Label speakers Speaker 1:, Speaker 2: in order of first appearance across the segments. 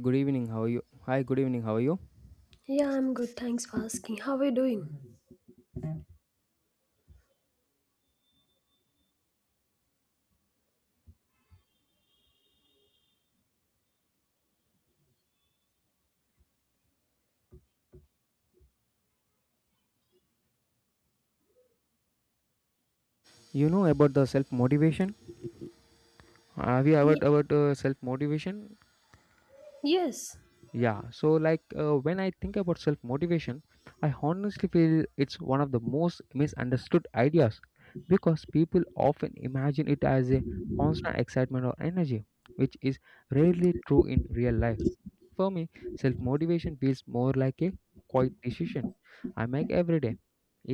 Speaker 1: Good evening. How are you? Hi. Good evening. How are you?
Speaker 2: Yeah, I'm good. Thanks for asking. How are you doing?
Speaker 1: You know about the self motivation. Have you
Speaker 2: Ye-
Speaker 1: heard about self motivation?
Speaker 2: Yes.
Speaker 1: Yeah, so like when I think about self motivation, I honestly feel it's one of the most misunderstood ideas because people often imagine it as a constant excitement or energy, which is rarely true in real life. For me, self motivation feels more like a quiet decision I make every day,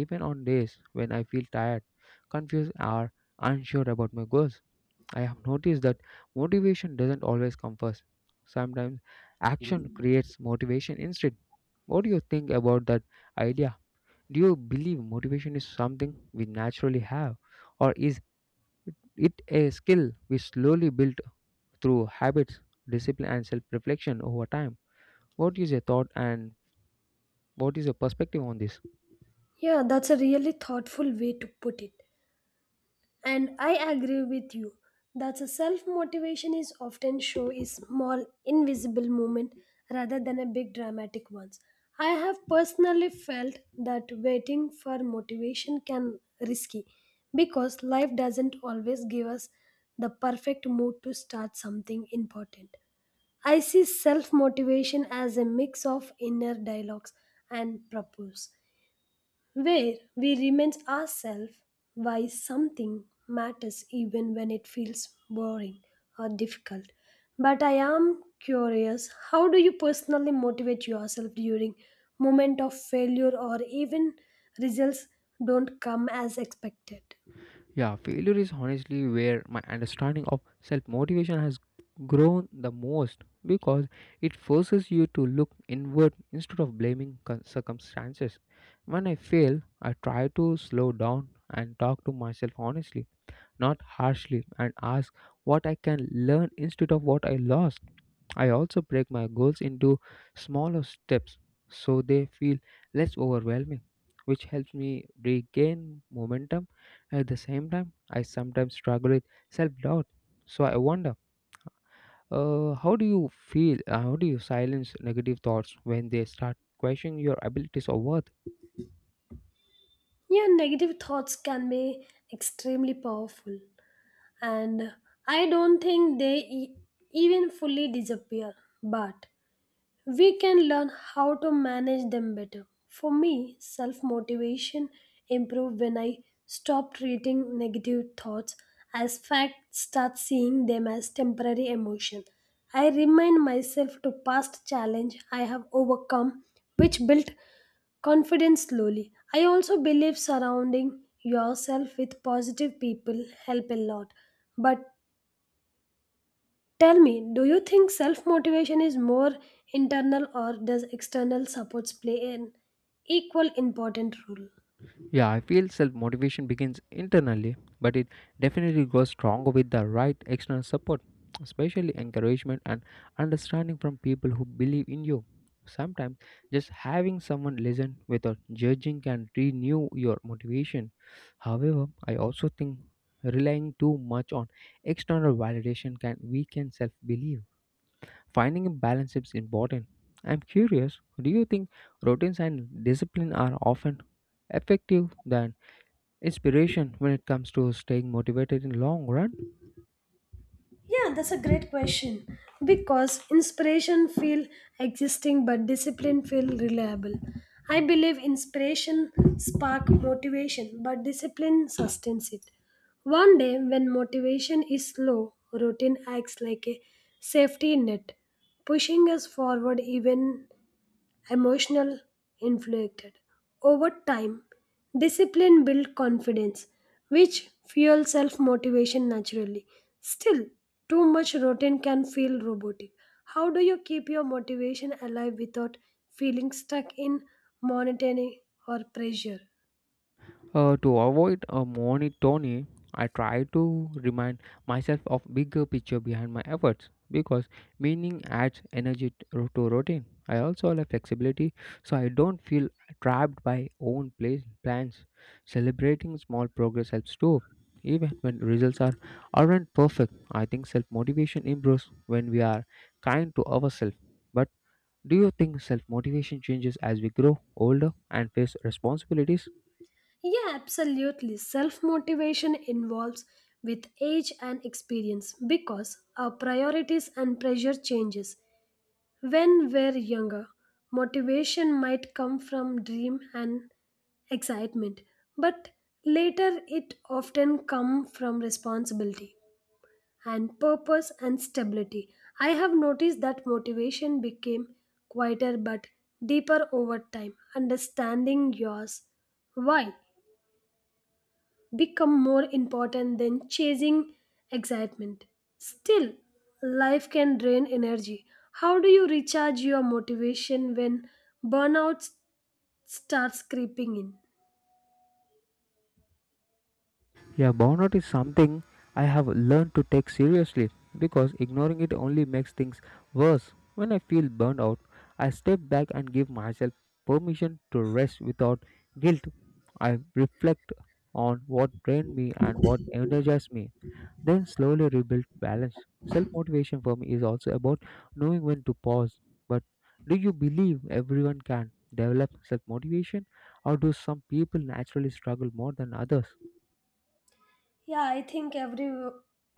Speaker 1: even on days when I feel tired, confused, or unsure about my goals. I have noticed that motivation doesn't always come first. Sometimes action creates motivation instead. What do you think about that idea? Do you believe motivation is something we naturally have, or is it a skill we slowly build through habits, discipline, and self reflection over time? What is your thought and what is your perspective on this?
Speaker 2: Yeah, that's a really thoughtful way to put it. And I agree with you. That's a self motivation is often show is small invisible movement rather than a big dramatic ones. I have personally felt that waiting for motivation can risky because life doesn't always give us the perfect mood to start something important. I see self motivation as a mix of inner dialogues and purpose, where we remind ourselves why something matters even when it feels boring or difficult. But I am curious how do you personally motivate yourself during moment of failure or even results don't come as expected?
Speaker 1: Yeah, failure is honestly where my understanding of self motivation has grown the most because it forces you to look inward instead of blaming circumstances. When I fail, I try to slow down and talk to myself honestly, not harshly, and ask what I can learn instead of what I lost. I also break my goals into smaller steps so they feel less overwhelming, which helps me regain momentum. At the same time, I sometimes struggle with self doubt. So I wonder, how do you feel? How do you silence negative thoughts when they start questioning your abilities or worth?
Speaker 2: Your negative thoughts can be extremely powerful. And I don't think they even fully disappear. But we can learn how to manage them better. For me, self motivation improved when I stopped treating negative thoughts as fact, start seeing them as temporary emotion. I remind myself to past challenge I have overcome, which built confidence slowly. I also believe surrounding yourself with positive people help a lot, but tell me, do you think self motivation is more internal or does external supports play an equal important role?
Speaker 1: Yeah, I feel self motivation begins internally, but it definitely grows stronger with the right external support, especially encouragement and understanding from people who believe in you. Sometimes just having someone listen without judging can renew your motivation. However, I also think relying too much on external validation can weaken self belief. Finding a balance is important. I'm curious, do you think routines and discipline are often effective than inspiration when it comes to staying motivated in long run?
Speaker 2: Yeah, that's a great question because inspiration feel existing but discipline feel reliable. I believe inspiration spark motivation but discipline sustains it. One day when motivation is low, routine acts like a safety net, pushing us forward even emotional inflicted. Over time, discipline builds confidence, which fuels self motivation naturally. Still, too much routine can feel robotic. How do you keep your motivation alive without feeling stuck in monotony or pressure?
Speaker 1: To avoid a monotony, I try to remind myself of bigger picture behind my efforts because meaning adds energy to routine. I also have flexibility so I don't feel trapped by own place plans. Celebrating small progress helps too, even when results are aren't perfect. I think self motivation improves when we are kind to ourselves, but. Do you think self motivation changes as we grow older and face responsibilities?
Speaker 2: Yeah, absolutely. Self motivation involves with age and experience because our priorities and pressure changes. When we're younger, motivation might come from dream and excitement, but later it often come from responsibility and purpose and stability. I have noticed that motivation became quieter but deeper over time, understanding yours why become more important than chasing excitement. Still, life can drain energy. How do you recharge your motivation when burnout starts creeping in?
Speaker 1: Yeah, burnout is something I have learned to take seriously because ignoring it only makes things worse. When I feel burned out, I step back and give myself permission to rest without guilt. I reflect on what drained me and what energized me, then slowly rebuild balance. Self motivation for me is also about knowing when to pause. But do you believe everyone can develop self motivation, or do some people naturally struggle more than others?
Speaker 2: Yeah, I think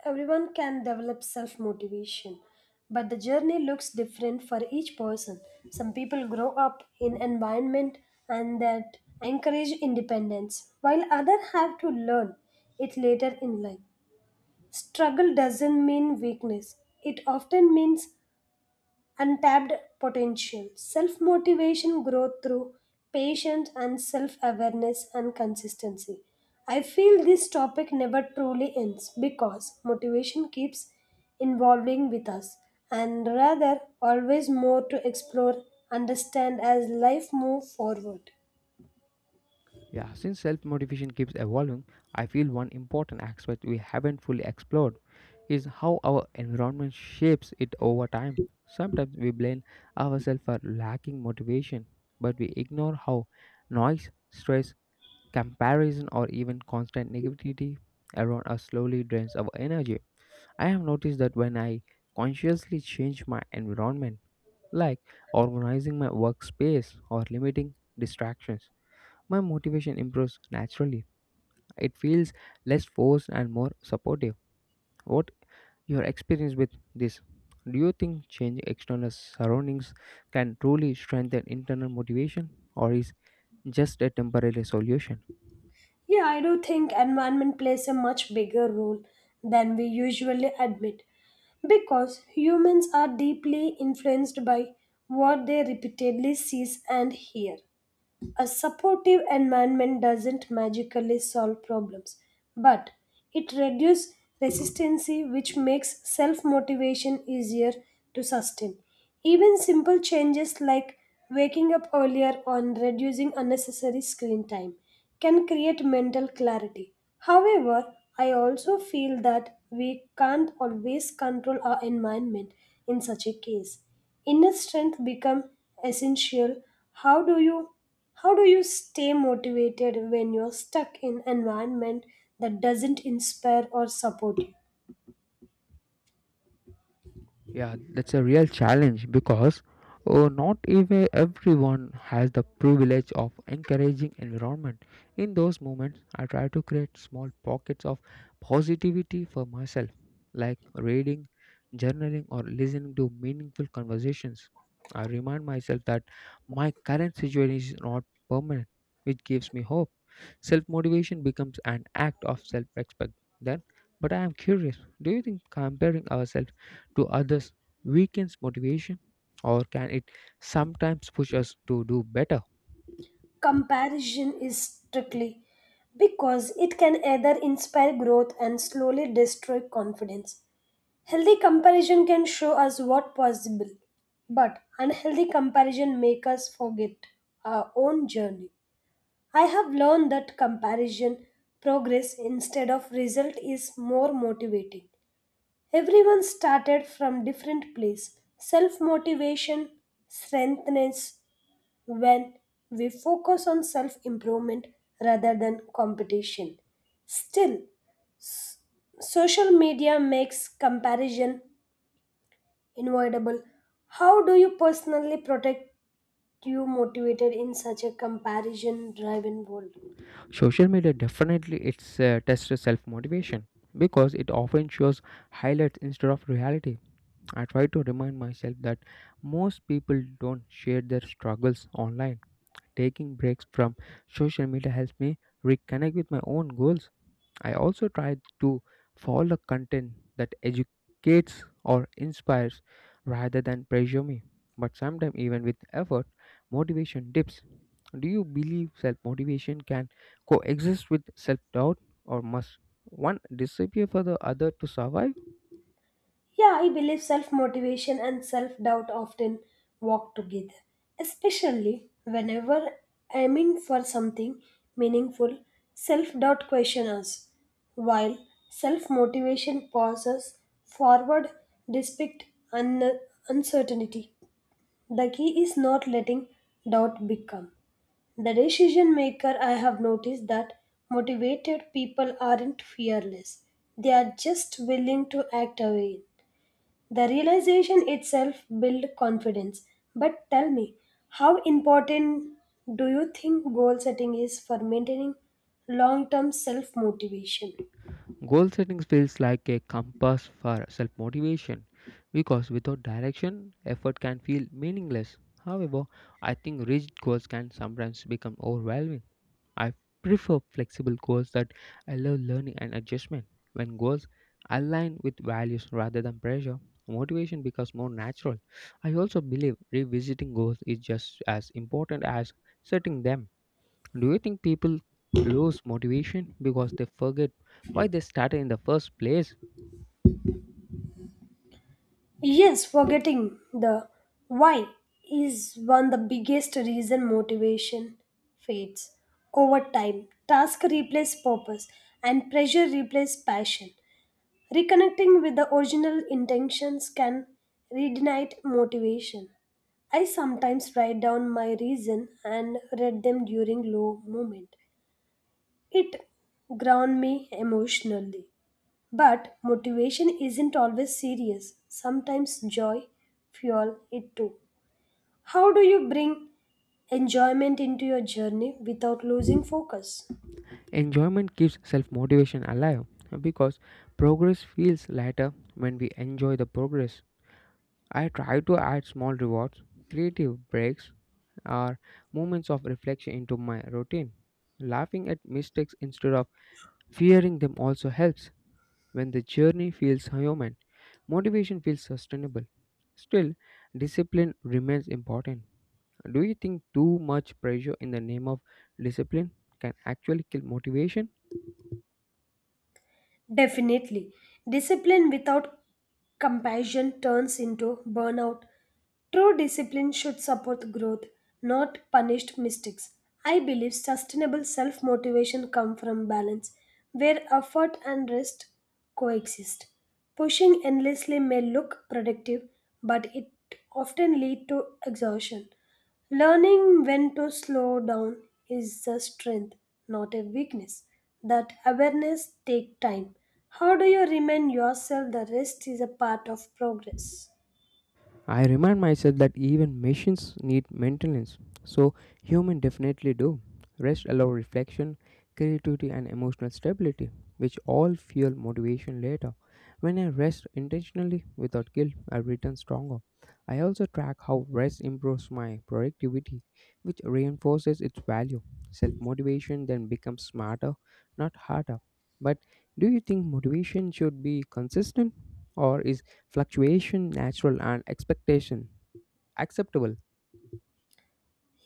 Speaker 2: everyone can develop self motivation, but the journey looks different for each person. Some people grow up in environment and that encourage independence, while others have to learn it later in life. Struggle doesn't mean weakness, it often means untapped potential. Self motivation grows through patience and self awareness and consistency. I feel this topic never truly ends because motivation keeps evolving with us and rather always more to explore understand as life moves forward.
Speaker 1: Yeah, since self motivation keeps evolving, I feel one important aspect we haven't fully explored is how our environment shapes it over time. Sometimes we blame ourselves for lacking motivation, but we ignore how noise, stress, comparison or even constant negativity around us slowly drains our energy. I have noticed that when I consciously change my environment, like organizing my workspace or limiting distractions, my motivation improves naturally. It feels less forced and more supportive. What your experience with this? Do you think changing external surroundings can truly strengthen internal motivation, or is just a temporary solution?
Speaker 2: Yeah, I do think environment plays a much bigger role than we usually admit because humans are deeply influenced by what they repeatedly see and hear. A supportive environment doesn't magically solve problems, but it reduces resistance, which makes self motivation easier to sustain. Even simple changes like waking up earlier or reducing unnecessary screen time can create mental clarity. However, I also feel that we can't always control our environment in such a case. Inner strength become essential. How do you how do you stay motivated when you're stuck in environment that doesn't inspire or support you?
Speaker 1: Yeah, that's a real challenge because not even everyone has the privilege of encouraging environment. In those moments, I try to create small pockets of positivity for myself, like reading, journaling, or listening to meaningful conversations. I remind myself that my current situation is not permanent, which gives me hope. Self motivation becomes an act of self respect then. But I am curious, do you think comparing ourselves to others weakens motivation, or can it sometimes push us to do better?
Speaker 2: Comparison is strictly because it can either inspire growth and slowly destroy confidence. Healthy comparison can show us what possible, but unhealthy comparison make us forget our own journey. I have learned that comparison progress instead of result is more motivating. Everyone started from different place. Self-motivation strengthens when we focus on self-improvement rather than competition. Still, s- social media makes comparison avoidable. How do you personally protect you motivated in such a comparison driven world?
Speaker 1: Social media definitely it's tests self motivation because it often shows highlights instead of reality. I try to remind myself that most people don't share their struggles online. Taking breaks from social media helps me reconnect with my own goals. I also try to follow content that educates or inspires rather than pressure me. But sometimes, even with effort, motivation dips. Do you believe self motivation can coexist with self doubt, or must one disappear for the other to survive?
Speaker 2: Yeah, I believe self motivation and self doubt often walk together, especially whenever aiming for something meaningful, self doubt questions us, while self motivation pauses forward despite un- uncertainty. The key is not letting doubt become the decision maker. I have noticed that motivated people aren't fearless. They are just willing to act away. The realization itself builds confidence. But tell me, how important do you think goal setting is for maintaining long term self motivation?
Speaker 1: Goal setting feels like a compass for self motivation because without direction, effort can feel meaningless. However, I think rigid goals can sometimes become overwhelming. I prefer flexible goals that allow learning and adjustment. When goals align with values rather than pressure, motivation becomes more natural. I also believe revisiting goals is just as important as setting them. Do you think people lose motivation because they forget why they started in the first place?
Speaker 2: Yes, forgetting the why is one of the biggest reason motivation fades. Over time, task replace purpose and pressure replace passion. Reconnecting with the original intentions can reignite motivation. I sometimes write down my reason and read them during low moment. It ground me emotionally. But motivation isn't always serious. Sometimes joy fuel it too. How do you bring enjoyment into your journey without losing focus?
Speaker 1: Enjoyment keeps self motivation alive because progress feels lighter when we enjoy the progress. I try to add small rewards, creative breaks, or moments of reflection into my routine. Laughing at mistakes instead of fearing them also helps. When the journey feels human, motivation feels sustainable. Still, discipline remains important. Do you think too much pressure in the name of discipline can actually kill motivation?
Speaker 2: Definitely. Discipline without compassion turns into burnout. True discipline should support growth, not punish mistakes. I believe sustainable self motivation comes from balance, where effort and rest coexist. Pushing endlessly may look productive, but it often leads to exhaustion. Learning when to slow down is a strength, not a weakness. That awareness takes time. How do you remind yourself the rest is a part of progress?
Speaker 1: I remind myself that even machines need maintenance, so human definitely do. Rest allow reflection, creativity and emotional stability, which all fuel motivation later. When I rest intentionally without guilt, I return stronger. I also track how rest improves my productivity, which reinforces its value. Self motivation then becomes smarter, not harder. But do you think motivation should be consistent, or is fluctuation natural and expectation acceptable?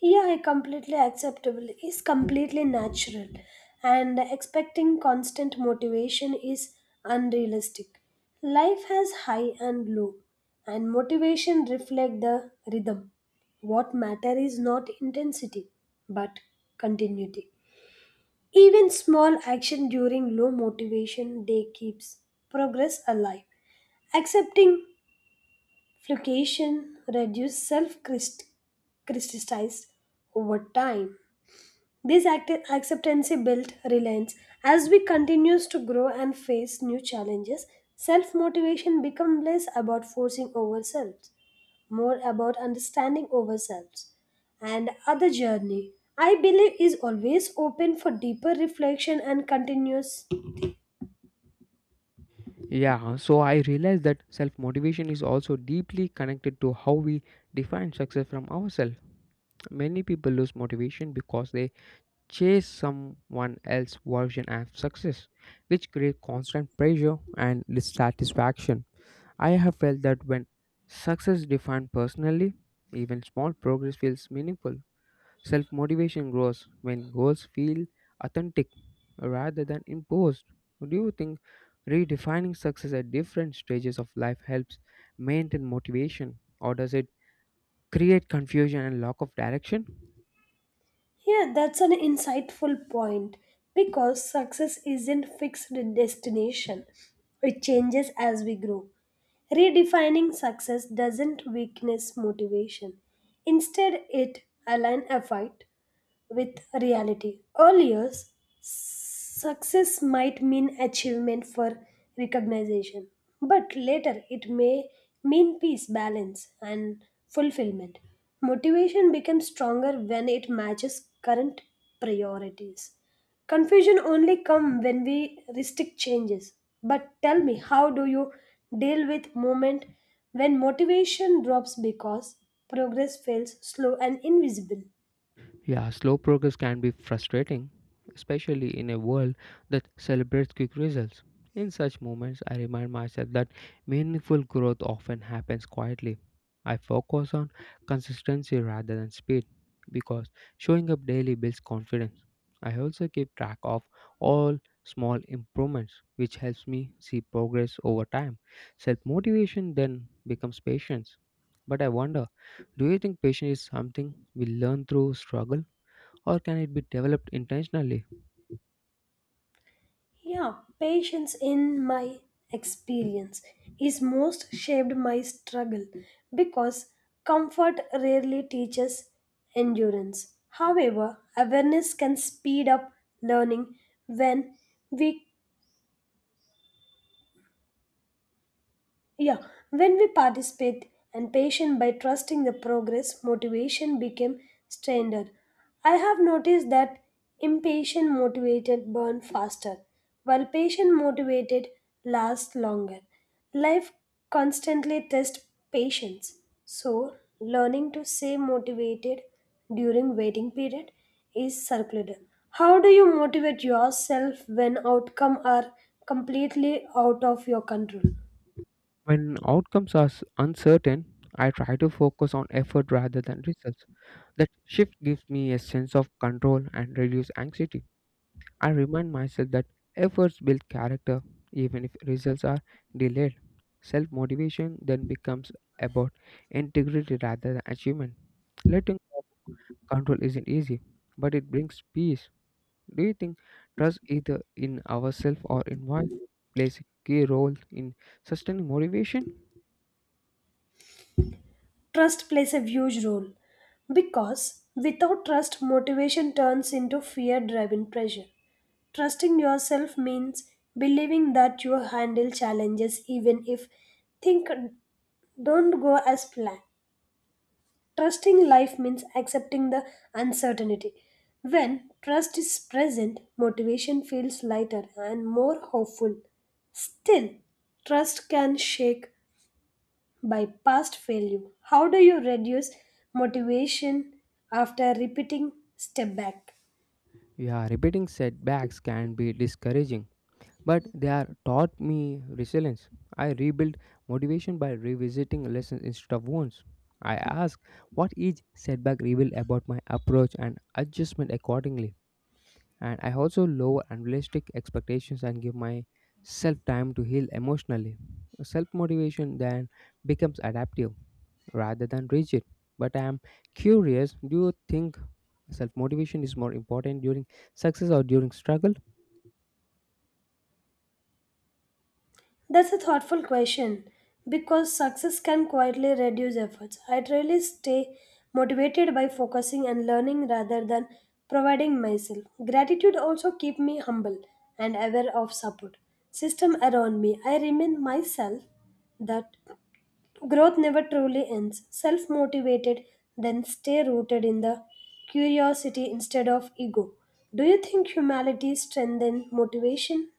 Speaker 2: Yeah, completely acceptable is completely natural, and expecting constant motivation is unrealistic. Life has high and low, and motivation reflect the rhythm. What matter is not intensity, but continuity. Even small action during low motivation day keeps progress alive. Accepting fluctuation reduces self criticism over time. This acceptance built reliance. As we continues to grow and face new challenges, self-motivation becomes less about forcing ourselves, more about understanding ourselves. And other journey, I believe, is always open for deeper reflection and continuous.
Speaker 1: Yeah, so I realized that self motivation is also deeply connected to how we define success from ourselves. Many people lose motivation because they chase someone else's version of success, which creates constant pressure and dissatisfaction. I have felt that when success is defined personally, even small progress feels meaningful. Self motivation grows when goals feel authentic rather than imposed. Do you think redefining success at different stages of life helps maintain motivation, or does it create confusion and lack of direction?
Speaker 2: Yeah, that's an insightful point because success isn't fixed destination. It changes as we grow. Redefining success doesn't weakness motivation. Instead, it aligns effort with reality. Earlier, success might mean achievement for recognition, but later it may mean peace, balance, and fulfillment. Motivation becomes stronger when it matches current priorities. Confusion only comes when we restrict changes. But tell me, how do you deal with moment when motivation drops because progress feels slow and invisible?
Speaker 1: Yeah, slow progress can be frustrating, especially in a world that celebrates quick results. In such moments, I remind myself that meaningful growth often happens quietly. I focus on consistency rather than speed because showing up daily builds confidence. I also keep track of all small improvements, which helps me see progress over time. Self motivation then becomes patience. But I wonder, do you think patience is something we learn through struggle, or can it be developed intentionally?
Speaker 2: Yeah, patience in my experience is most shaped my struggle because comfort rarely teaches endurance. However, awareness can speed up learning when we Yeah, when we participate and patient by trusting the progress, motivation became standard. I have noticed that impatient motivated burn faster, while patient motivated lasts longer. Life constantly tests patience, so learning to stay motivated during waiting period is circular. How do you motivate yourself when outcome are completely out of your control?
Speaker 1: When outcomes are uncertain, I try to focus on effort rather than results. That shift gives me a sense of control and reduce anxiety. I remind myself that efforts build character even if results are delayed. Self motivation then becomes about integrity rather than achievement. Letting go of control isn't easy, but it brings peace. Do you think trust, either in ourselves or in what, plays a key role in sustaining motivation?
Speaker 2: Trust plays a huge role because without trust, motivation turns into fear driven pressure. Trusting yourself means believing that you handle challenges even if things don't go as planned. Trusting life means accepting the uncertainty. When trust is present, motivation feels lighter and more hopeful. Still, trust can shake by past failure. How do you reduce motivation after repeating step back?
Speaker 1: Yeah, repeating setbacks can be discouraging, but they are taught me resilience. I rebuild motivation by revisiting lessons instead of wounds. I ask what each setback revealed about my approach and adjustment accordingly. And I also lower unrealistic expectations and give myself time to heal emotionally. Self motivation then becomes adaptive rather than rigid. But I am curious, do you think self motivation is more important during success or during struggle?
Speaker 2: That's a thoughtful question because success can quietly reduce efforts. I really stay motivated by focusing and learning rather than providing myself. Gratitude also keep me humble and aware of support system around me. I remind myself that growth never truly ends. Self motivated, then stay rooted in the curiosity instead of ego. Do you think humility strengthens motivation?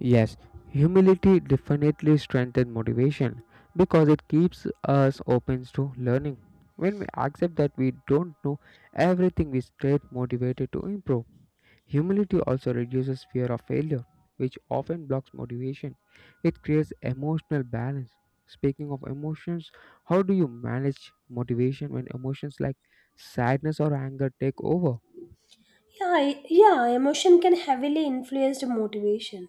Speaker 1: Yes, humility definitely strengthens motivation because it keeps us open to learning. When we accept that we don't know everything, we stay motivated to improve. Humility also reduces fear of failure, which often blocks motivation. It creates emotional balance. Speaking of emotions, how do you manage motivation when emotions like sadness or anger take over?
Speaker 2: Yeah, emotion can heavily influence the motivation,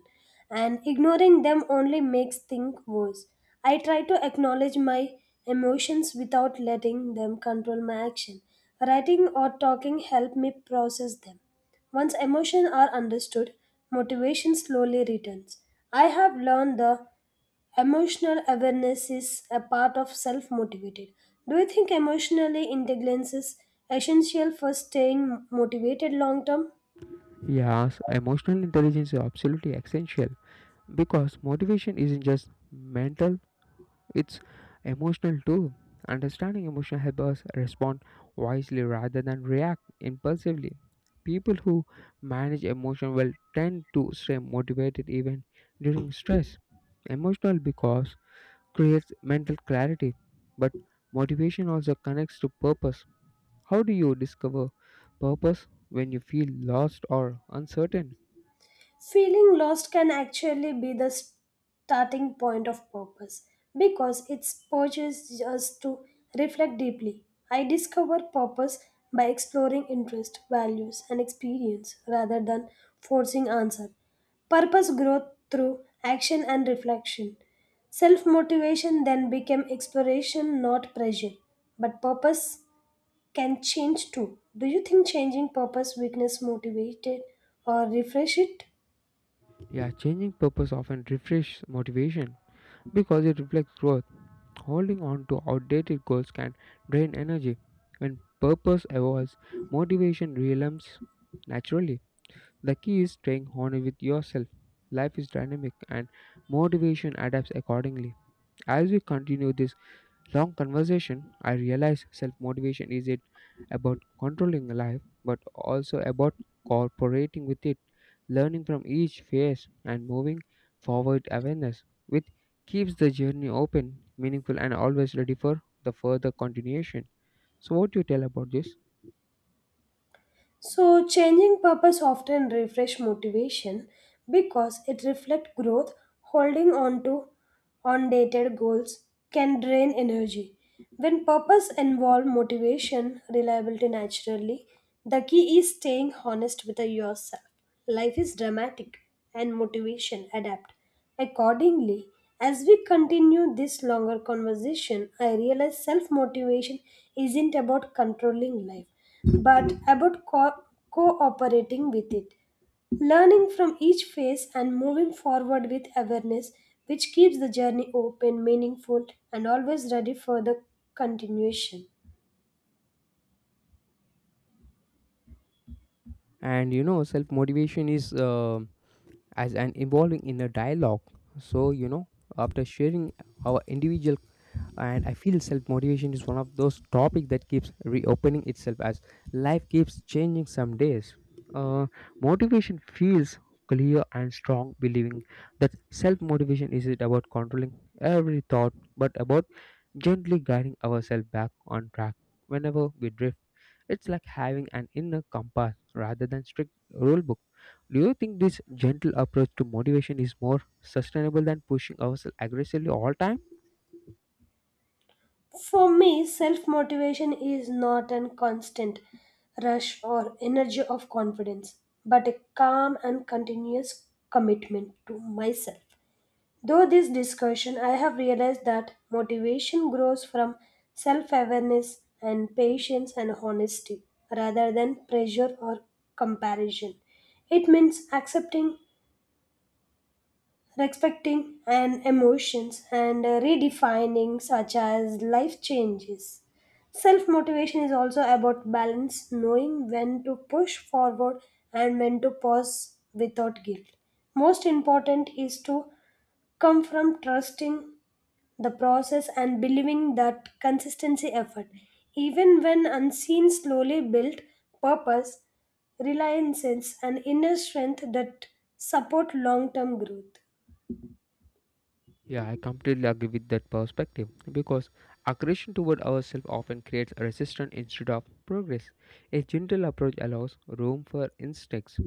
Speaker 2: and ignoring them only makes things worse. I try to acknowledge my emotions without letting them control my action. Writing or talking help me process them. Once emotions are understood, motivation slowly returns. I have learned the emotional awareness is a part of self motivated. Do you think emotional intelligence is essential for staying motivated long term?
Speaker 1: Yes, emotional intelligence is absolutely essential because motivation isn't just mental. It's emotional too. Understanding emotion helps us respond wisely rather than react impulsively. People who manage emotion will tend to stay motivated even during stress. Emotional because creates mental clarity, but motivation also connects to purpose. How do you discover purpose when you feel lost or uncertain?
Speaker 2: Feeling lost can actually be the starting point of purpose because it pushes us to reflect deeply. I discover purpose by exploring interest, values, and experience rather than forcing answer. Purpose growth through action and reflection. Self motivation then became exploration, not pressure. But purpose can change too. Do you think changing purpose weakness motivated or refresh it?
Speaker 1: Yeah, changing purpose often refreshes motivation because it reflects growth. Holding on to outdated goals can drain energy. When purpose evolves, motivation realms naturally. The key is staying honest with yourself. Life is dynamic and motivation adapts accordingly. As we continue this long conversation, I realized self motivation isn't about controlling life but also about cooperating with it, learning from each phase, and moving forward awareness, which keeps the journey open, meaningful, and always ready for the further continuation. So, what do you tell about this?
Speaker 2: So, changing purpose often refresh motivation because it reflects growth. Holding on to undated goals can drain energy. When purpose involve motivation, reliability naturally. The key is staying honest with yourself. Life is dramatic, and motivation adapt. Accordingly, as we continue this longer conversation, I realize self motivation isn't about controlling life, but about cooperating with it, learning from each phase and moving forward with awareness, which keeps the journey open, meaningful, and always ready for the continuation.
Speaker 1: And you know, self motivation is as an evolving inner dialogue. So, you know, after sharing our individual, and I feel self motivation is one of those topics that keeps reopening itself as life keeps changing. Some days uh, motivation feels clear and strong, believing that self motivation isn't about controlling every thought but about gently guiding ourselves back on track whenever we drift. It's like having an inner compass rather than strict rule book. Do you think this gentle approach to motivation is more sustainable than pushing ourselves aggressively all time?
Speaker 2: For me, self motivation is not a constant rush or energy of confidence, but a calm and continuous commitment to myself. Though this discussion, I have realized that motivation grows from self awareness and patience and honesty rather than pressure or comparison. It means accepting respecting and emotions and redefining such as life changes self motivation is also about balance knowing when to push forward and when to pause without guilt most important is to come from trusting the process and believing that consistency effort even when unseen slowly built purpose reliances and inner strength that support long term growth.
Speaker 1: Yeah, I completely agree with that perspective because aggression toward ourselves often creates resistance instead of progress. A gentle approach allows room for instincts,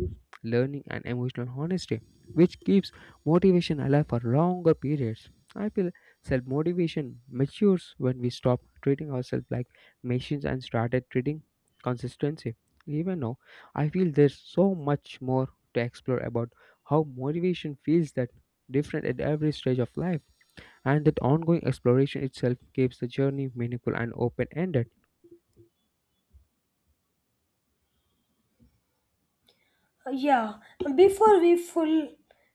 Speaker 1: learning, and emotional honesty, which keeps motivation alive for longer periods. I feel self motivation matures when we stop treating ourselves like machines and started treating consistency. Even now, I feel there's so much more to explore about how motivation feels that different at every stage of life, and that ongoing exploration itself keeps the journey meaningful and open ended.
Speaker 2: Yeah, before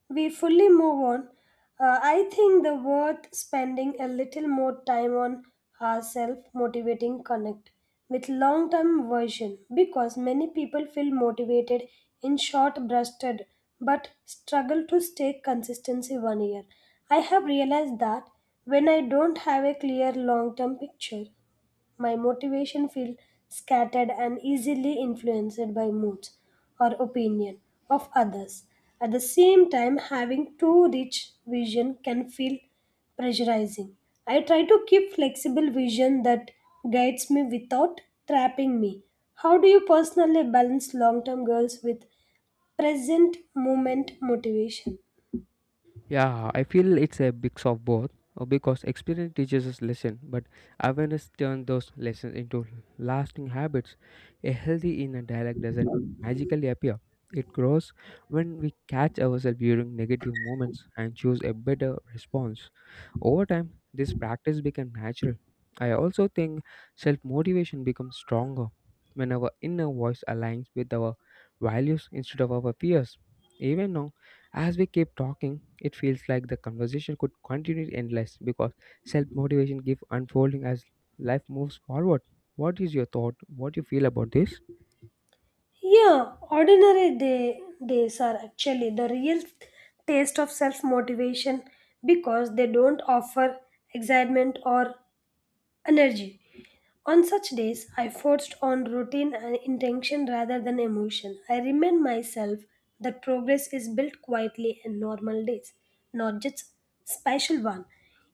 Speaker 2: we fully move on, I think the worth spending a little more time on our self-motivating connect with long-term version because many people feel motivated in short-breasted but struggle to stay consistency 1 year. I have realized that when I don't have a clear long-term picture my motivation feels scattered and easily influenced by moods or opinion of others. At the same time, having too rich vision can feel pressurizing. I try to keep flexible vision that guides me without trapping me. How do you personally balance long-term goals with present moment motivation?
Speaker 1: Yeah, I feel it's a mix of both because experience teaches us lesson, but awareness turns those lessons into lasting habits. A healthy inner dialogue doesn't magically appear. It grows when we catch ourselves during negative moments and choose a better response. Over time, this practice becomes natural. I also think self motivation becomes stronger when our inner voice aligns with our values instead of our fears. Even now, as we keep talking, it feels like the conversation could continue endless because self motivation keeps unfolding as life moves forward. What is your thought? What do you feel about this?
Speaker 2: Yeah, days are actually the real taste of self motivation because they don't offer excitement or energy. On such days, I forced on routine and intention rather than emotion. I remind myself that progress is built quietly in normal days, not just special one.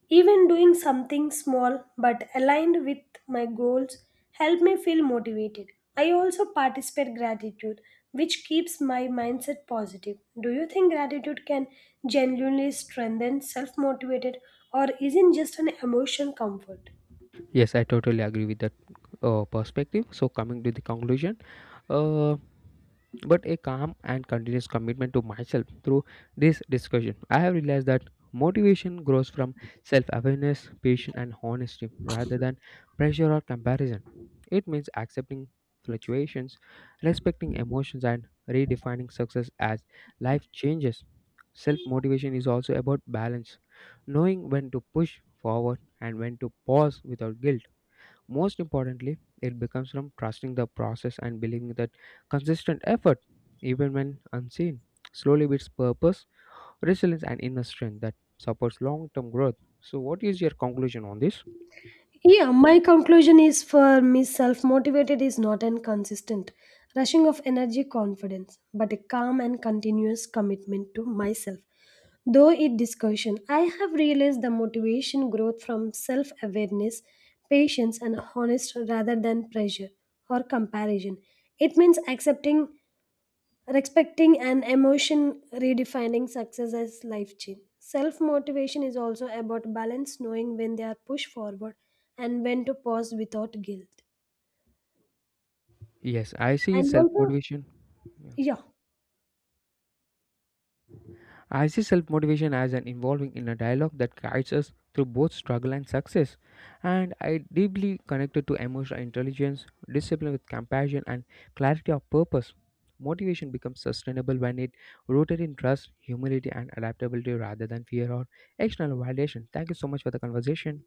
Speaker 2: Even doing something small but aligned with my goals help me feel motivated. I also participate gratitude, which keeps my mindset positive. Do you think gratitude can genuinely strengthen self-motivated or isn't just an emotion comfort?
Speaker 1: Yes, I totally agree with that perspective. So, coming to the conclusion, Uh, but a calm and continuous commitment to myself through this discussion. I have realized that motivation grows from self awareness, patience, and honesty rather than pressure or comparison. It means accepting fluctuations, respecting emotions, and redefining success as life changes. Self motivation is also about balance, knowing when to push forward and when to pause without guilt. Most importantly, it becomes from trusting the process and believing that consistent effort, even when unseen, slowly builds purpose, resilience, and inner strength that supports long term growth. So, what is your conclusion on this?
Speaker 2: Yeah, my conclusion is for me self motivated is not an consistent rushing of energy confidence, but a calm and continuous commitment to myself. Though in discussion, I have realized the motivation growth from self awareness, patience, and honest rather than pressure or comparison. It means accepting respecting an emotion, redefining success as life change. Self motivation is also about balance, knowing when they are pushed forward and when to pause without guilt.
Speaker 1: Yes, I see
Speaker 2: And
Speaker 1: self
Speaker 2: also,
Speaker 1: motivation.
Speaker 2: yeah.
Speaker 1: I see self motivation as an involving in a dialogue that guides us through both struggle and success, and I deeply connected to emotional intelligence, discipline with compassion, and clarity of purpose. Motivation becomes sustainable when it rooted in trust, humility, and adaptability rather than fear or external validation. Thank you so much for the conversation.